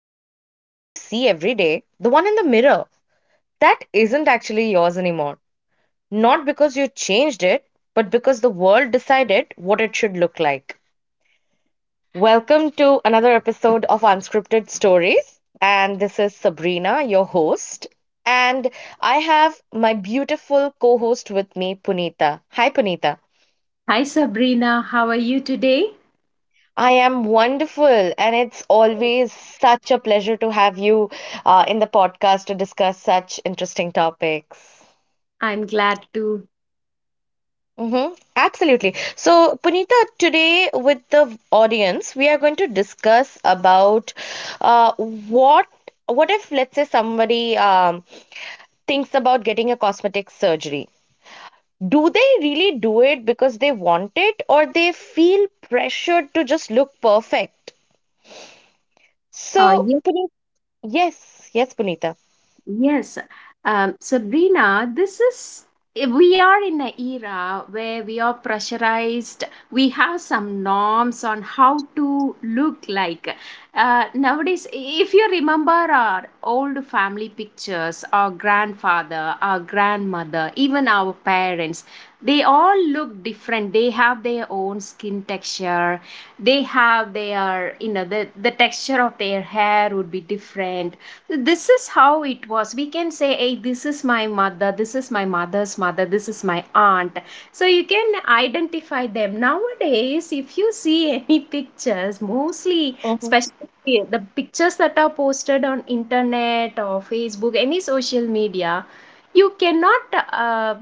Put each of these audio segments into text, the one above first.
that the face that you see every day, the one in the mirror, that isn't actually yours anymore? Not because you changed it, but because the world decided what it should look like. Welcome to another episode of Unscripted Stories. And this is Sabrina, your host. And I have my beautiful co host with me, Punita. Hi, Punita. Hi Sabrina, how are you today? I am wonderful, and it's always such a pleasure to have you in the podcast to discuss such interesting topics. I'm glad to. Mm-hmm. Absolutely. So, Punita, today with the audience, we are going to discuss about uh, what what if, let's say, somebody thinks about getting a cosmetic surgery. Do they really do it because they want it, or they feel pressured to just look perfect? Uh, So, yeah. yes, yes, Punita. Yes, Sabrina, this is we are in an era where we are pressurized. We have some norms on how to look like. Nowadays, if you remember our old family pictures, our grandfather, our grandmother, even our parents, they all look different. They have their own skin texture. They have their, the texture of their hair would be different. This is how it was. We can say, hey, this is my mother, this is my mother's mother, this is my aunt. So you can identify them. Nowadays, if you see any pictures, mostly Mhm, especially the pictures that are posted on internet or Facebook, any social media, you cannot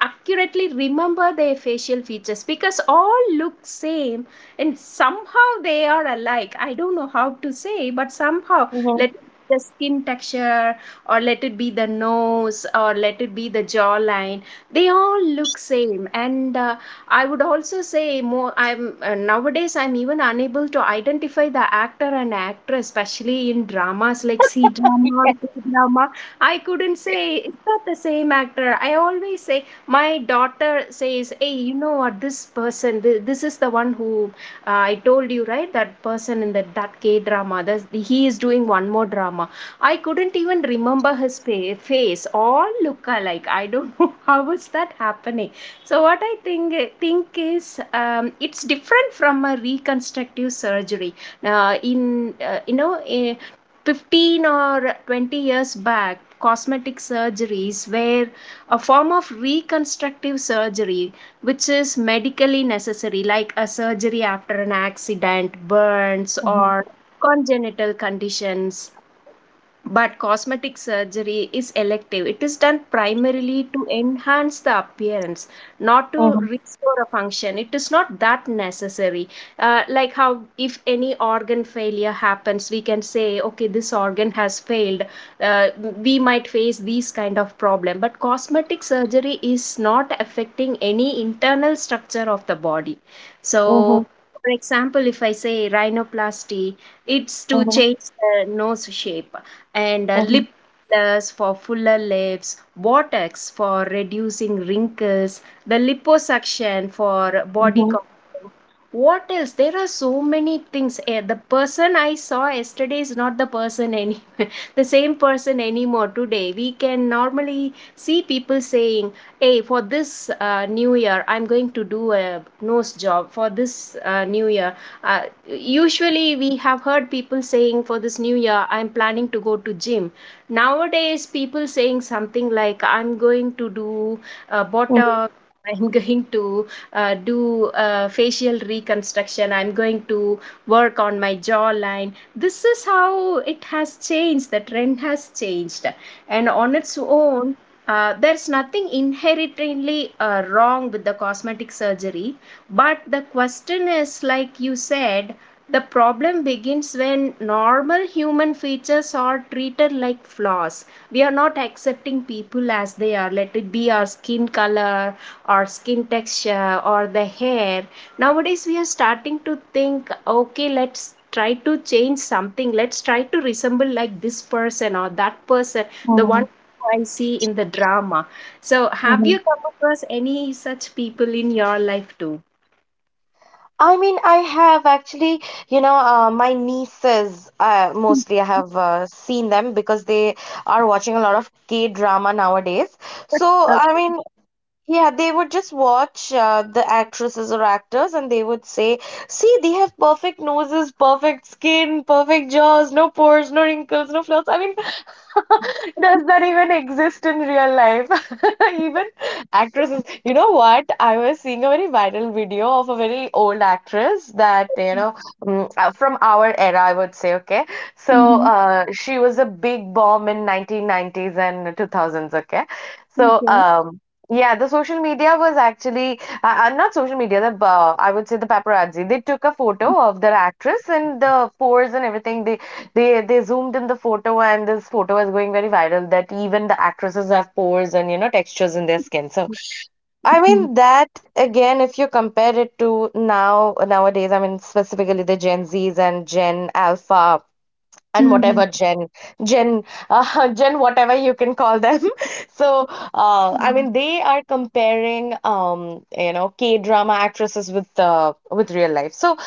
accurately remember their facial features because all look same. And somehow they are alike. I don't know how to say, but somehow, mhm, let the skin texture, or let it be the nose, or let it be the jawline, they all look same. And I would also say more. I'm Nowadays, I'm even unable to identify the actor and actress, especially in dramas like C drama or K drama. I couldn't say it's not the same actor. I always say my daughter says, hey, you know what, this this is the one who I told you, right? That person in that K drama, he is doing one more drama. I couldn't even remember his face. All look alike. I don't know how is that happening. So what I think is, it's different from a reconstructive surgery. In you know. 15 or 20 years back, cosmetic surgeries were a form of reconstructive surgery, which is medically necessary, like a surgery after an accident, burns, mhm, or congenital conditions. But cosmetic surgery is elective. It is done primarily to enhance the appearance, not mhm, to mhm, restore a function. It is not that necessary. Like how, if any organ failure happens, we can say, okay, this organ has failed. Uh, we might face these kind of problem. But cosmetic surgery is not affecting any internal structure of the body. mhm, So, for example, if I say rhinoplasty, it's to mhm, change the nose shape, and lip gloss for fuller lips, Botox for reducing wrinkles, the liposuction for body mhm, contouring. What else? There are so many things. The person I saw yesterday is not the the same person anymore today. We can normally see people saying, "Hey, for this new year, I'm going to do a nose job. For this new year, uh, usually we have heard people saying for this new year, I'm planning to go to gym." Nowadays people saying something like, I'm going to do mhm, Botox, I'm going to do facial reconstruction, I'm going to work on my jawline. This is how it has changed. The trend has changed. And on its own, there's nothing inherently wrong with the cosmetic surgery. But the question is, like you said, the problem begins when normal human features are treated like flaws. We are not accepting people as they are, let it be our skin color, our skin texture, or the hair. Nowadays, we are starting to think, okay, let's try to change something. Let's try to resemble like this person or that person, the one mhm, I see in the drama. So, have mhm. you come across any such people in your life too? I mean, I have actually, my nieces, mostly I have seen them because they are watching a lot of K drama nowadays. So, I mean, yeah, they would just watch the actresses or actors and they would say, see, they have perfect noses, perfect skin, perfect jaws, no pores, no wrinkles, no flaws. I mean, does that even exist in real life? Even actresses. You know what? I was seeing a very viral video of a very old actress that, from our era, I would say, okay? So Mm-hmm. She was a big bomb in 1990s and 2000s, okay? So, Okay. Yeah, the social media was actually not social media. The I would say the paparazzi. They took a photo of their actress and the pores and everything. They zoomed in the photo and this photo is going very viral. That even the actresses have pores and textures in their skin. So I mean that again, if you compare it to now nowadays, I mean specifically the Gen Zs and Gen Alpha and whatever Mhm. gen gen gen whatever you can call them so I Mhm. mean they are comparing K drama actresses with real life. So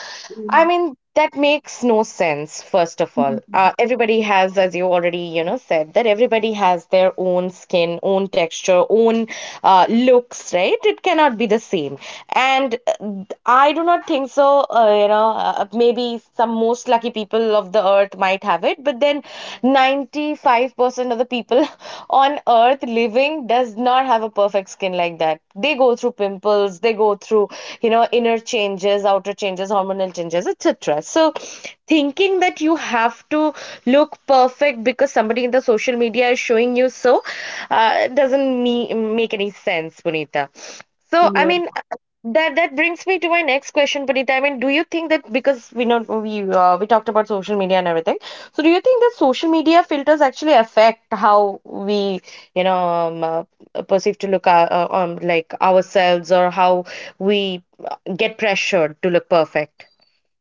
I mean, that makes no sense, first of all. Mhm. Everybody has, as you already, said, that everybody has their own skin, own texture, own looks, right? It cannot be the same. And I do not think so, maybe some most lucky people of the earth might have it, but then 95% of the people on earth living does not have a perfect skin like that. They go through pimples, they go through, inner changes, outer changes, hormonal changes, etc. So thinking that you have to look perfect because somebody in the social media is showing you, so doesn't make any sense, Punita. So, I Yeah. mean, that brings me to my next question, Punita. I mean, do you think that because we know we talked about social media and everything, so do you think that social media filters actually affect how we, you know, um, perceive to look like ourselves or how we get pressured to look perfect?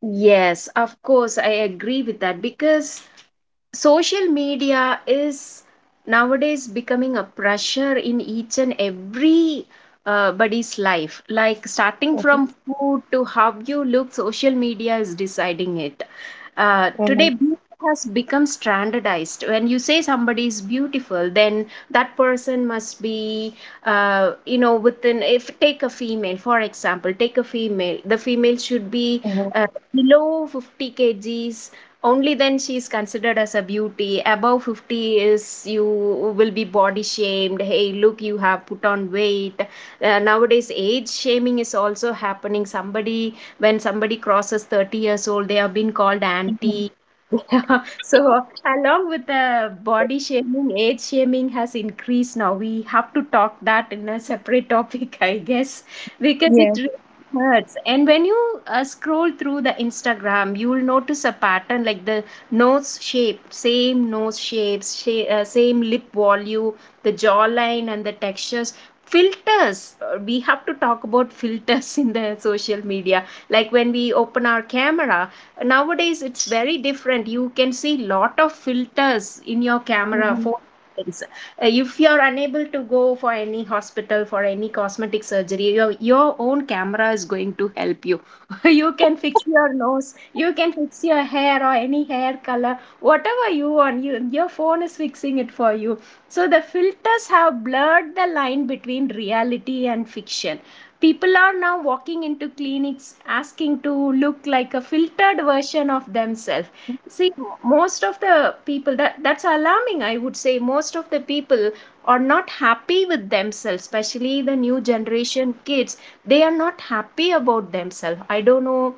Yes, of course, I agree with that, because social media is nowadays becoming a pressure in each and every body's life. Like starting Okay. from food to how you look, social media is deciding it. Uh-huh. Today beauty has become standardized. When you say somebody is beautiful, then that person must be you know, within if take a female, for example, take a female, the female should be uh, below 50 kg kgs, only then she is considered as a beauty. Above 50 is, you will be body shamed, hey look, you have put on weight. Nowadays age shaming is also happening. Somebody when somebody crosses 30 years old, they have been called auntie. Yeah. So along with the body shaming, age shaming has increased. Now we have to talk that in a separate topic, I guess, because it hurts. And when you scroll through the Instagram, you will notice a pattern like the nose shape, same nose shapes, same lip volume, the jawline, and the textures. Filters. We have to talk about filters in the social media. Like when we open our camera nowadays, it's very different. You can see lot of filters in your camera. For if you are unable to go for any hospital for any cosmetic surgery, your own camera is going to help you. You can fix your nose, you can fix your hair or any hair color, whatever you want, you, your phone is fixing it for you. So the filters have blurred the line between reality and fiction. People are now walking into clinics asking to look like a filtered version of themselves. See, most of the people that that's alarming, I would say. Most of the people are not happy with themselves, especially the new generation kids. They are not happy about themselves. I don't know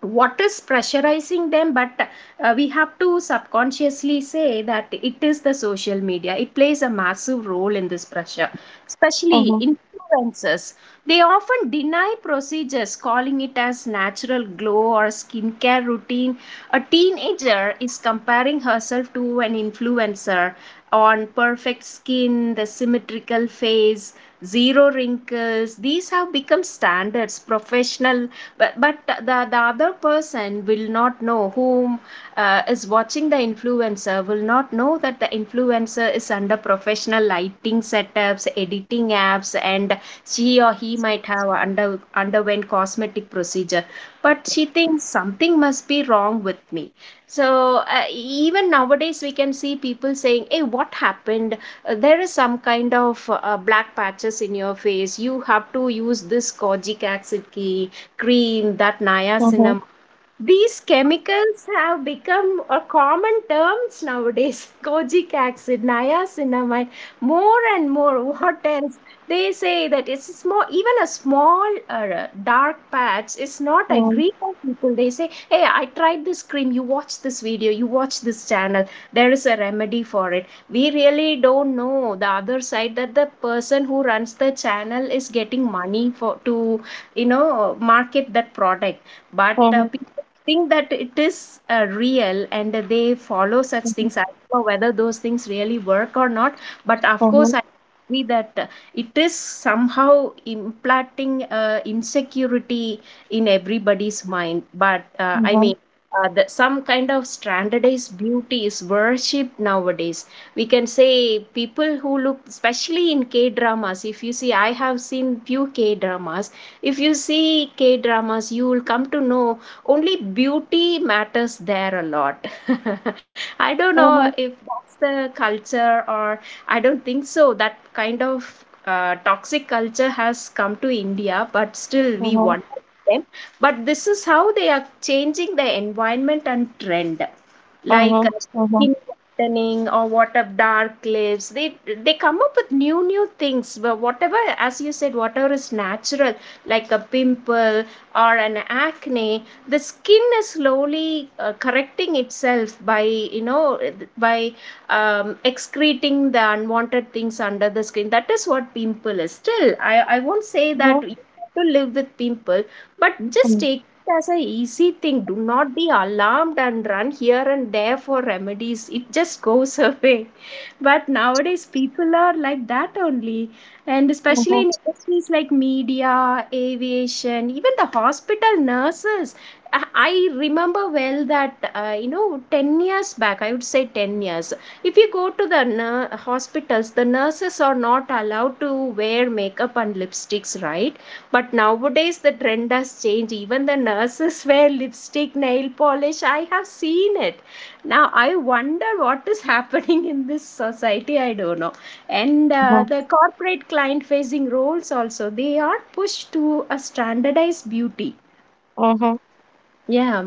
what is pressurizing them, but we have to subconsciously say that it is the social media. It plays a massive role in this pressure, especially Uh-huh. influencers. They often deny procedures, calling it as natural glow or skincare routine. A teenager is comparing herself to an influencer on perfect skin, the symmetrical face, zero wrinkles. These have become standards, professional. but but the, the other person will not know, whom is watching, the influencer will not know that the influencer is under professional lighting setups, editing apps, and she or he might have underwent cosmetic procedure. But she thinks something must be wrong with me. So even nowadays we can see people saying, hey, what happened? There is some kind of black patches in your face, you have to use this kojic acid key cream, that Uh-huh. niacinamide. These chemicals have become a common terms nowadays. Kojic acid, niacinamide, more and more. What else? They say that it's a small, even a small dark patch is not agreed by people. They say, hey, I tried this cream. You watch this video. You watch this channel. There is a remedy for it. We really don't know the other side, that the person who runs the channel is getting money for to, you know, market that product. But Uh-huh. people think that it is real, and they follow such things. I don't know whether those things really work or not, but of course, Uh-huh. I agree that it is somehow implanting insecurity in everybody's mind. But I mean, some kind of standardized beauty is worshipped nowadays. We can say people who look, especially in K dramas, if you see, I have seen few K dramas. If you see K dramas, you will come to know only beauty matters there a lot. I don't know if that's the culture or I don't think so that kind of toxic culture has come to India, but still we Uh-huh. want them. But this is how they are changing the environment and trend, like Uh-huh. Uh-huh. skin whitening or what of dark lips. They come up with new things. But whatever, as you said, whatever is natural, like a pimple or an acne, the skin is slowly correcting itself by, you know, by excreting the unwanted things under the skin, that is what pimple is. Still, I won't say that you have to live with pimple, but just Uh-huh. take it as a easy thing. Do not be alarmed and run here and there for remedies. It just goes away. But nowadays people are like that only. And especially Uh-huh. in industries like media, aviation, even the hospital nurses, I I remember well that you know, 10 years back, I would say 10 years, if you go to the hospitals, the nurses are not allowed to wear makeup and lipsticks, right? But nowadays the trend has changed. Even the nurses wear lipstick, nail polish, I have seen it. Now I wonder what is happening in this society, I don't know. And Uh-huh. the corporate client facing roles also, they are pushed to a standardized beauty. Uh-huh. Yeah.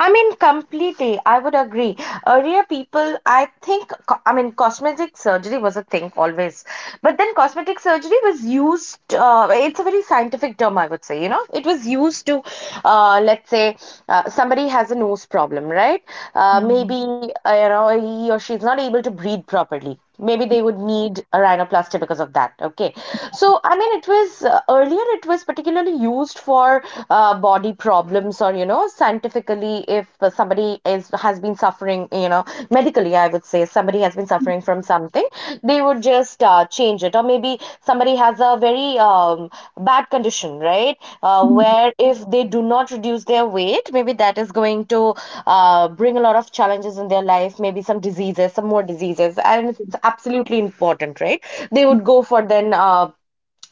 I mean, completely. I would agree. Earlier, people, I think, I mean, cosmetic surgery was a thing always. But then cosmetic surgery was used, it's a very scientific term, I would say. You know, it was used to, let's say, somebody has a nose problem, right? Maybe, he or she's not able to breathe properly. Maybe they would need a rhinoplasty because of that. Okay. So, I mean, it was earlier, it was particularly used for body problems or, scientifically, if somebody is has been suffering, medically, I would say, somebody has been suffering from something, they would just change it. Or maybe somebody has a very bad condition, right? Uh, Mm, where if they do not reduce their weight, maybe that is going to bring a lot of challenges in their life, maybe some diseases, some more diseases. And it's absolutely important, right? They mm, would go for then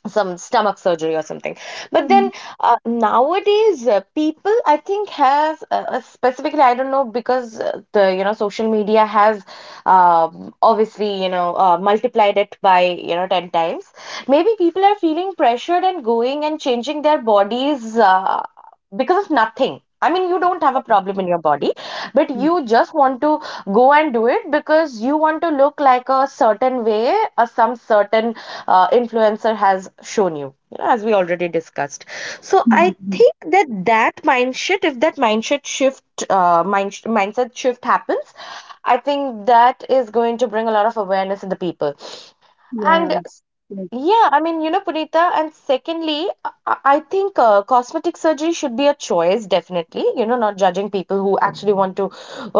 some stomach surgery or something. But mm, then nowadays people I think has specifically I don't know because the social media has obviously multiplied it by 10 times. Maybe people are feeling pressured and going and changing their bodies because of nothing. I mean, you don't have a problem in your body but mm, you just want to go and do it because you want to look like a certain way or some certain influencer has shown you, you know as we already discussed. So I mm, mm. think that, that mindset, if that mindset shift happens, I think that is going to bring a lot of awareness in the people. Yeah, And yes, yeah, I mean, Punita, and secondly, I think cosmetic surgery should be a choice, definitely. You know, not judging people who actually want to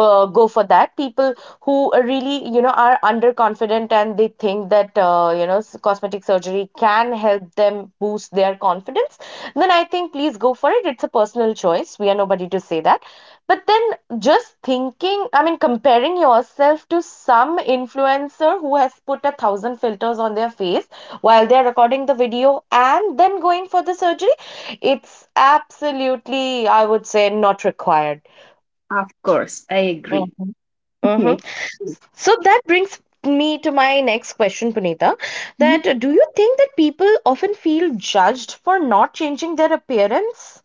go for that. People who are really, are underconfident and they think that, cosmetic surgery can help them boost their confidence, then I think please go for it. It's a personal choice. We are nobody to say that. But then just thinking, I mean, comparing yourself to some influencer who has put a thousand filters on their face while they're recording the video and then going for the surgery, it's absolutely, I would say, not required. of course, I agree. Mhm, mhm. So that brings me to my next question, Punita. Yeah. That do you think that people often feel judged for not changing their appearance?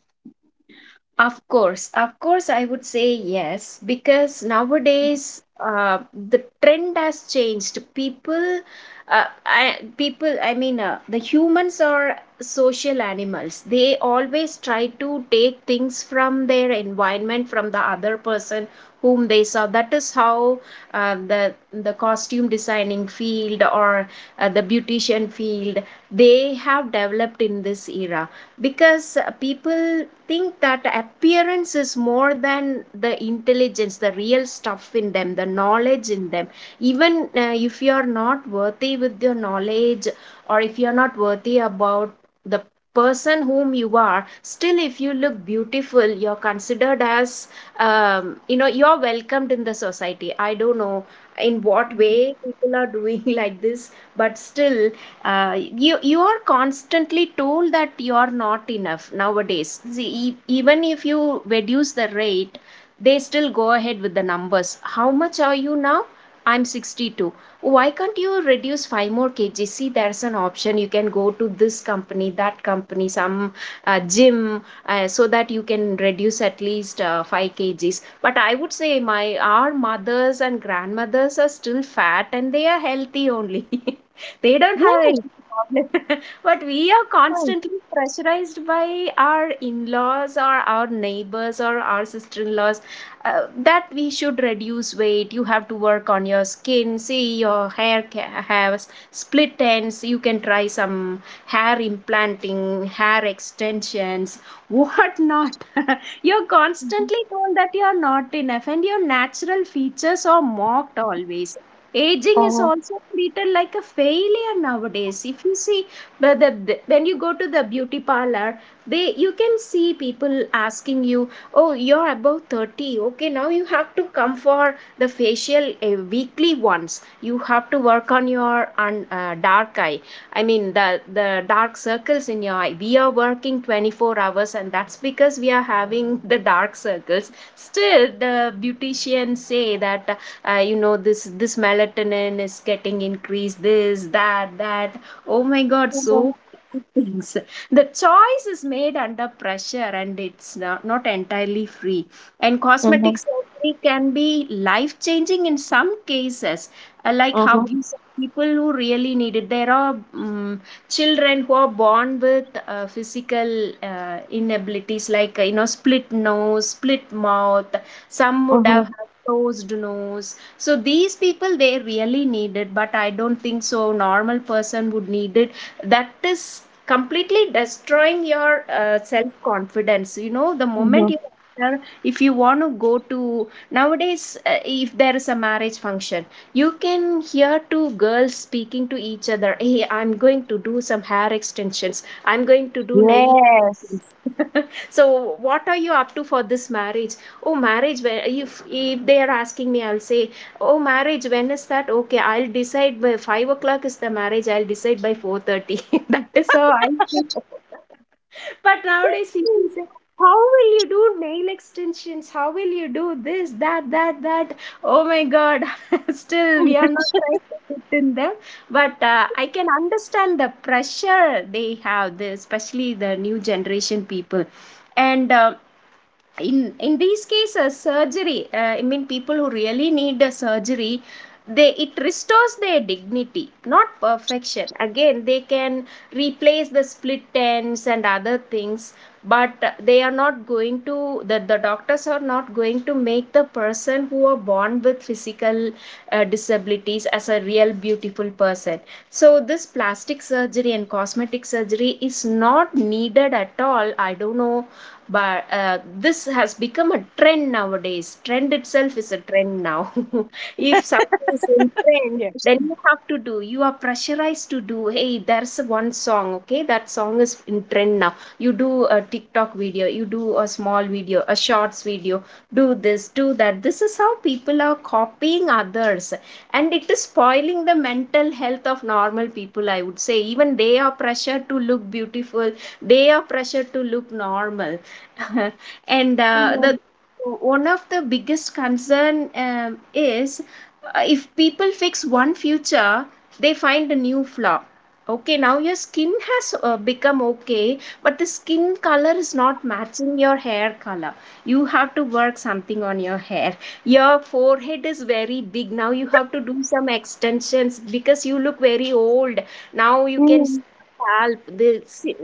Of course, I would say yes, because nowadays the trend has changed. People, people, I mean, the humans are social animals. They always try to take things from their environment, from the other person whom they saw. That is how the costume designing field or the beautician field they have developed in this era because people think that appearance is more than the intelligence, the real stuff in them, the knowledge in them. Even if you are not worthy with your knowledge or if you are not worthy about the person whom you are, still if you look beautiful, you're considered as, you're welcomed in the society. I don't know in what way people are doing like this, but still, you are constantly told that you are not enough nowadays. See, even if you reduce the rate, they still go ahead with the numbers. How much are you now? I'm 62. Why can't you reduce 5 more kgs? See, there's an option. You can go to this company, that company, some gym, so that you can reduce at least 5 kgs. But I would say my, our mothers and grandmothers are still fat and they are healthy only. They don't have Yes. any problem. But we are Mhm, constantly pressurized by our in-laws or our neighbors or our sister-in-laws, that we should reduce weight. You have to work on your skin. See, your hair has split ends. You can try some hair implanting, hair extensions, what not. You're constantly told that you're not enough and your natural features are mocked always. Aging is mhm, also treated like a failure nowadays, if you see. But when you go to the beauty parlor, they, you can see people asking you, oh, you're above 30, okay, now you have to come for the facial weekly once, you have to work on your dark eye, I mean the dark circles in your eye. We are working 24 hours and that's because we are having the dark circles. Still the beauticians say that this melatonin is getting increased, this, that, that. Oh my god! So things, the choice is made under pressure and it's not entirely free. And cosmetic surgery can be life changing in some cases, like how mhm, you said, people who really need it. There are children who are born with physical inabilities, like split nose, split mouth. Some would mhm, have had closed nose. So these people, they really need it, but I don't think so normal person would need it. That is completely destroying your self confidence, you know, the moment mhm. you are- if you want to go to, nowadays if there is a marriage function, you can hear two girls speaking to each other, hey, I'm going to do some hair extensions, I'm going to do nail Yes. extensions." So what are you up to for this marriage? Oh, marriage, where, if they are asking me, I'll say, oh, marriage. When is that? Okay, I'll decide by 5 o'clock is the marriage. I'll decide by 4:30. That is how I feel. But nowadays people say, how will you do nail extensions? How will you do this, that, that, that? Oh my God! Still, we are not trying to fit in them. But I can understand the pressure they have, especially the new generation people, and. In these cases surgery, I mean people who really need a surgery, they, it restores their dignity, not perfection. Again, they can replace the split ends and other things, but they are not going to, the doctors are not going to make the person who are born with physical disabilities as a real beautiful person. So this plastic surgery and cosmetic surgery is not needed at all, I don't know. But this has become a trend nowadays. Trend itself is a trend now. If something is in trend, Yes. then you have to do, you are pressurized to do. Hey, there's one song, okay, that song is in trend now, you do a TikTok video, you do a small video, a shorts video, do this, do that. This is how people are copying others, and it is spoiling the mental health of normal people, I would say. Even they are pressured to look beautiful, they are pressured to look normal. And the one of the biggest concern is, if people fix one feature, they find a new flaw. Okay, now your skin has become okay, but the skin color is not matching your hair color, you have to work something on your hair. Your forehead is very big, now you have to do some extensions because you look very old. Now you can Mhm. scalp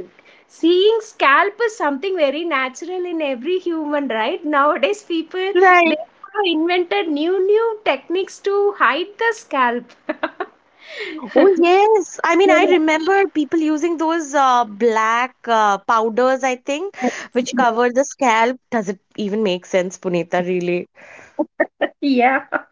seeing scalp is something very natural in every human, right? Nowadays, people, Right. they have invented new new techniques to hide the scalp. Oh yes, I mean I remember people using those black powders, I think, which cover the scalp. Does it even make sense, Punita, really? Yeah,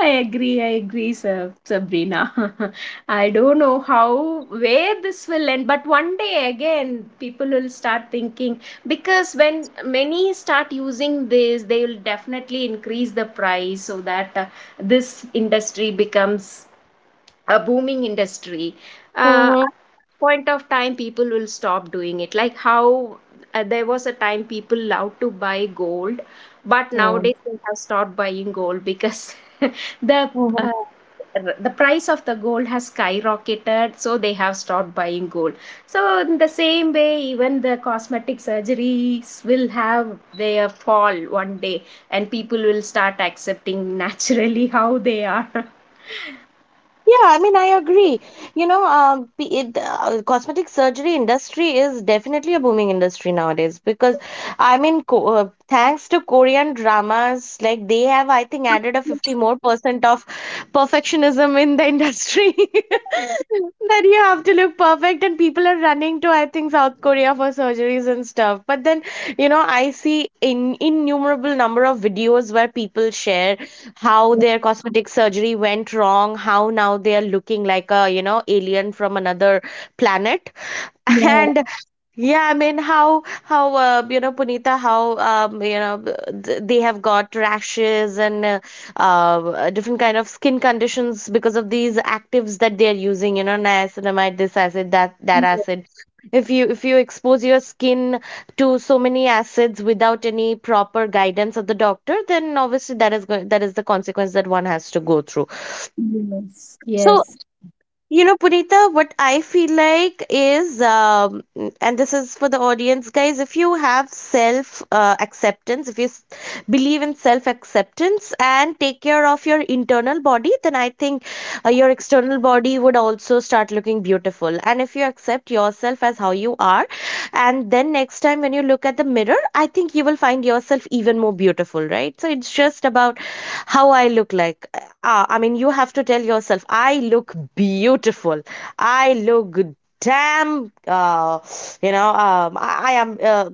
I agree. I agree, Sabrina. I don't know how, where this will end, but one day again, people will start thinking, because when many start using this, they will definitely increase the price so that this industry becomes a booming industry. uh, Mm-hmm. Point of time people will stop doing it. Like how, there was a time people loved to buy gold, but nowadays they have stopped buying gold because the Mm-hmm. uh, the price of the gold has skyrocketed, so they have stopped buying gold. So in the same way, even the cosmetic surgeries will have their fall one day, and people will start accepting naturally how they are. Yeah, I mean I agree. Cosmetic surgery industry is definitely a booming industry nowadays because I mean, thanks to Korean dramas, like they have, I think, added a 50 Yes, more percent of perfectionism in the industry that you have to look perfect, and people are running to, I think, South Korea for surgeries and stuff. But then, I see in innumerable number of videos where people share how yes, their cosmetic surgery went wrong, how now they are looking like a, alien from another planet. yeah. And yeah, I mean, how Punita, how they have got rashes and different kind of skin conditions because of these actives that they are using, niacinamide, this acid, that acid. If you expose your skin to so many acids without any proper guidance of the doctor, then obviously that is going that is the consequence that one has to go through. Yes, So yes. Punita, what I feel like is, and this is for the audience, guys, if you have self acceptance, if you believe in self acceptance and take care of your internal body, then I think your external body would also start looking beautiful. And if you accept yourself as how you are, and then next time when you look at the mirror, I think you will find yourself even more beautiful, right? So it's just about how I look like. I mean, you have to tell yourself, I look beautiful. I look good. Damn, uh, I am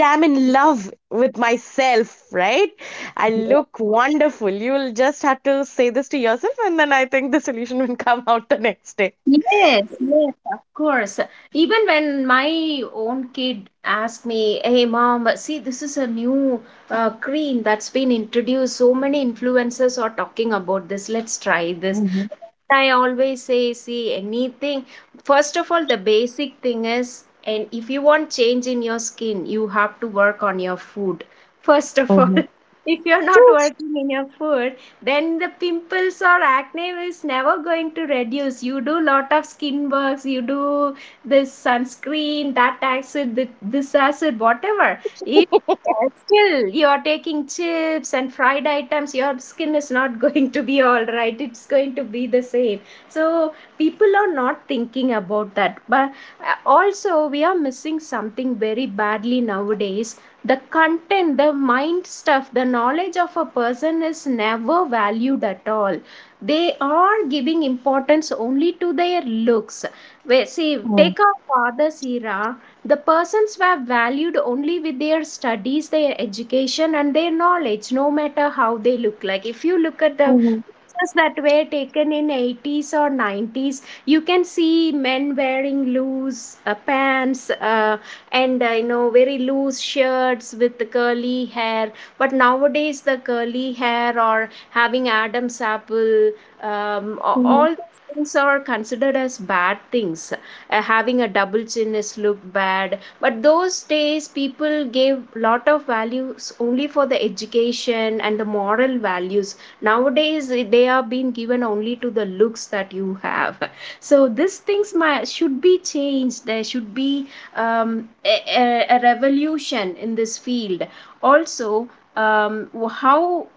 damn in love with myself, right? I look wonderful. You will just have to say this to yourself, and then I think the solution will come out the next day. Yes, yes, of course. Even when my own kid asked me, "Hey, mom, see, this is a new cream that's been introduced. So many influencers are talking about this. Let's try this." Mhm. I always say, see, anything. First of all, the basic thing is, and if you want change in your skin, you have to work on your food. First of all, Mhm, if you're not working in your food, then the pimples or acne is never going to reduce. You do lot of skin works, you do this sunscreen, that acid, this acid, whatever. If still you are taking chips and fried items, your skin is not going to be all right, it's going to be the same. So people are not thinking about that. But also we are missing something very badly nowadays. The content, the mind stuff, the knowledge of a person is never valued at all. They are giving importance only to their looks. Where, see, mhm, take our father's era, the persons were valued only with their studies, their education and their knowledge, no matter how they look like. If you look at the mhm, pictures that were taken in 80s or 90s, you can see men wearing loose pants and very loose shirts with the curly hair. But nowadays the curly hair or having Adam's apple, mhm, all things are considered as bad things. Having a double chin is looked bad, but those days people gave lot of values only for the education and the moral values. Nowadays they are being given only to the looks that you have. So these things should be changed. There should be a revolution in this field also. um, how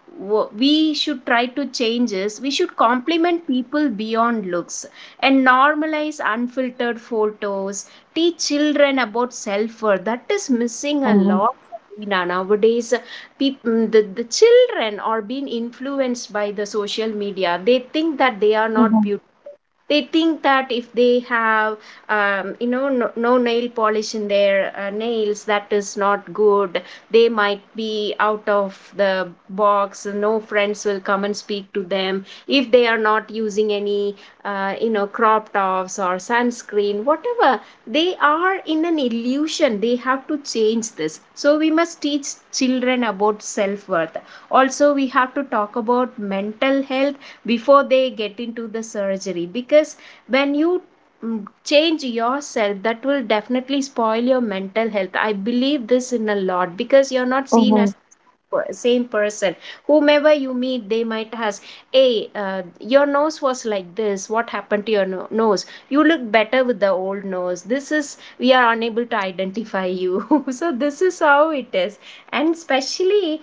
we should try to change is we should compliment people beyond looks and normalize unfiltered photos, teach children about self-worth. That is missing a mhm, lot, Sabina. Nowadays people, the children are being influenced by the social media. They think that they are not mhm, beautiful. They think that if they have no nail polish in their nails, that is not good. They might be out of the box, no friends will come and speak to them if they are not using any crop tops or sunscreen, whatever. They are in an illusion, they have to change this. So we must teach children about self worth. Also, we have to talk about mental health before they get into the surgery. Because when you change yourself, that will definitely spoil your mental health. I believe this in a lot, because you're not seen mhm, as same person. Whomever you meet, they might ask, hey, your nose was like this, what happened to your nose? You look better with the old nose. This is, we are unable to identify you. So this is how it is. And especially,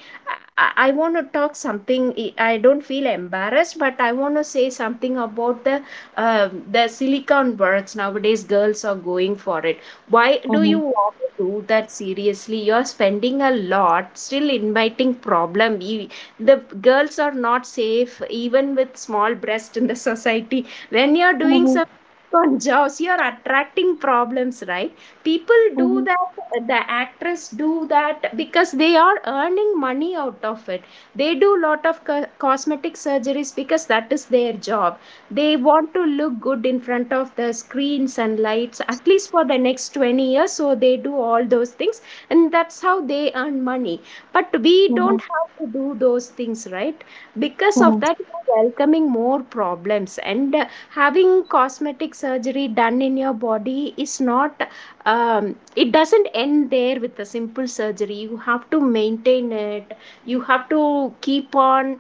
I want to talk something, I don't feel embarrassed, but I want to say something about the silicone words. Nowadays girls are going for it. Why mhm, do you mhm, want to do that? Seriously, you're spending a lot, still inviting problem. E- the girls are not safe even with small breast in the society. When you're doing mhm, some on jobs, you're attracting problems, right? People mhm, do mhm, that, the actress do that because they are earning money out of it. They do lot of cosmetic surgeries because that is their job. They want to look good in front of the screens and lights at least for the next 20 years, so they do all those things, and that's how they earn money. But we mhm, don't have to do those things, right? Because of that, you're welcoming more problems. And having cosmetic surgery done in your body is not it doesn't end there with a simple surgery. You have to maintain it, you have to keep on,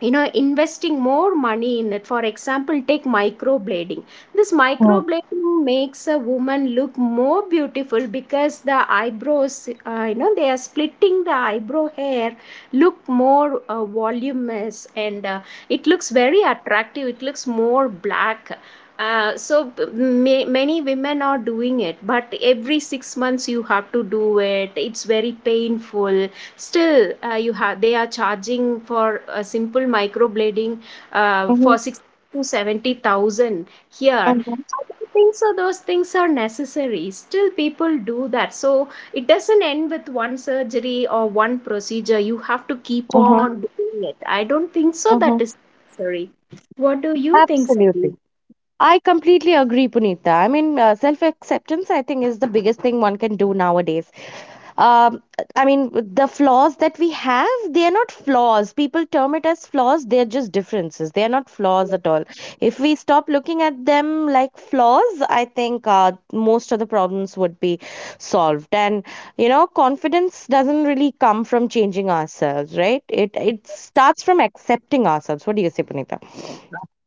you know, investing more money in it. For example, take microblading. This microblading makes a woman look more beautiful because the eyebrows, they are splitting the eyebrow hair, look more voluminous, and it looks very attractive, it looks more black. So many women are doing it, but every 6 months you have to do it, it's very painful. Still, you have, they are charging for a simple microblading mhm, for 60 to 70,000 here. mhm, I don't think so those things are necessary. Still, people do that. So it doesn't end with one surgery or one procedure. You have to keep mhm, on doing it. I don't think so mhm. that is necessary. What do you think, Absolutely. Sabine? I completely agree, Punita. I mean, self acceptance, I think, is the biggest thing one can do nowadays. um, I mean, the flaws that we have, they are not flaws. People term it as flaws. They're just differences. They are not flaws at all. If we stop looking at them like flaws, I think most of the problems would be solved. And confidence doesn't really come from changing ourselves, right? It starts from accepting ourselves. What do you say, Punita?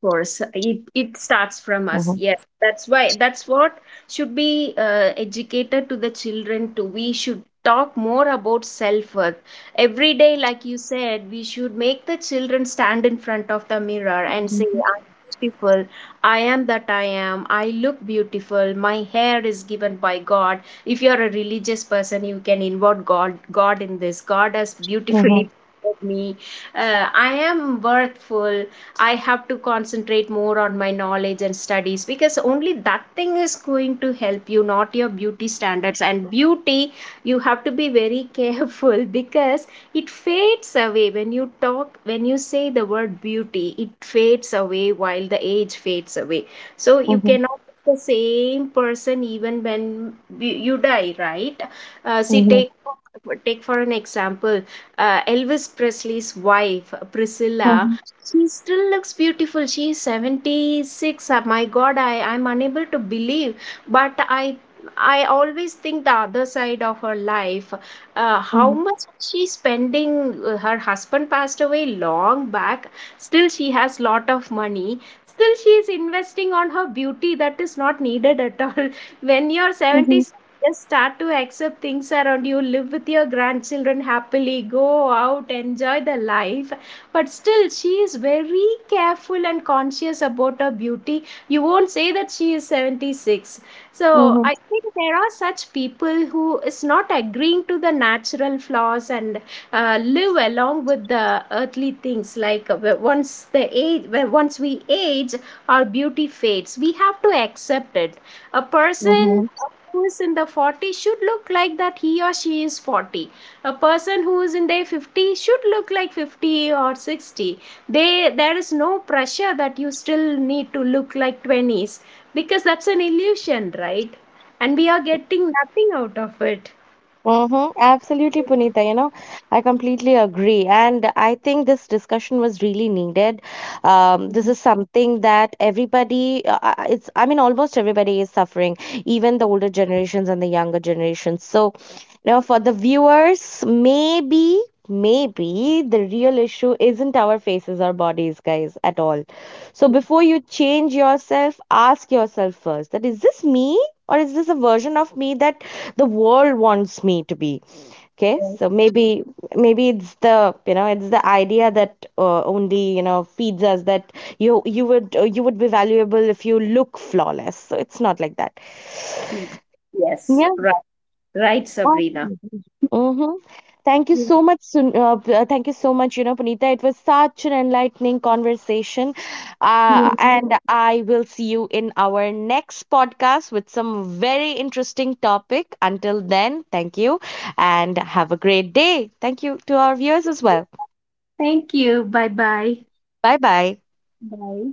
Course it starts from us, Mm-hmm, yes, that's why, that's what should be educated to the children too. We should talk more about self-worth every day, like you said. We should make the children stand in front of the mirror and say, I'm beautiful, I am that I am, I look beautiful, my hair is given by god. If you're a religious person, you can involve god in this. God has mm-hmm, beautifully made me, I am worthful. I have to concentrate more on my knowledge and studies, because only that thing is going to help you, not your beauty standards. And beauty, you have to be very careful, because it fades away. When you talk, when you say the word beauty, it fades away while the age fades away. So you mm-hmm, cannot be the same person even when you die, right? uh, see mm-hmm, take take for an example, Elvis Presley's wife Priscilla. mm-hmm, She still looks beautiful. She is 76. My God, I am unable to believe. But I always think the other side of her life. How much she's spending? Her husband passed away long back. Still, she has lot of money. Still, she is investing on her beauty, that is not needed at all. When you're mm-hmm, 76, just start to accept things around you. Live with your grandchildren happily. Go out, enjoy the life. But still she is very careful and conscious about her beauty. You won't say that she is 76. So mm-hmm, I think there are such people who is not agreeing to the natural flaws and live along with the earthly things, like once we age, our beauty fades, we have to accept it. A person mm-hmm, who is in the 40 should look like that he or she is 40. A person who is in their 50 should look like 50 or 60. They, there is no pressure that you still need to look like 20s, because that's an illusion, right? And we are getting nothing out of it. mm-hmm. Absolutely, Punita. You know, I completely agree. And I think this discussion was really needed. Um, Yes. this is something that everybody, I mean, almost everybody is suffering, even the older generations and the younger generations. So now, for the viewers, maybe the real issue isn't our faces or bodies, guys, at all. So, before you change yourself, ask yourself first, that is this me or is this a version of me that the world wants me to be? Okay, so maybe it's the idea that only feeds us that you would be valuable if you look flawless. So it's not like that. Mm. Yes, Yeah. right. Right, Sabrina. Mm-hmm. Thank you so much, Sun- p- thank you so much, you know, Punita. It was such an enlightening conversation. Mm. And I will see you in our next podcast with some very interesting topic. Until then, thank you and have a great day. Thank you to our viewers as well. Thank you, bye bye. Bye bye. Bye.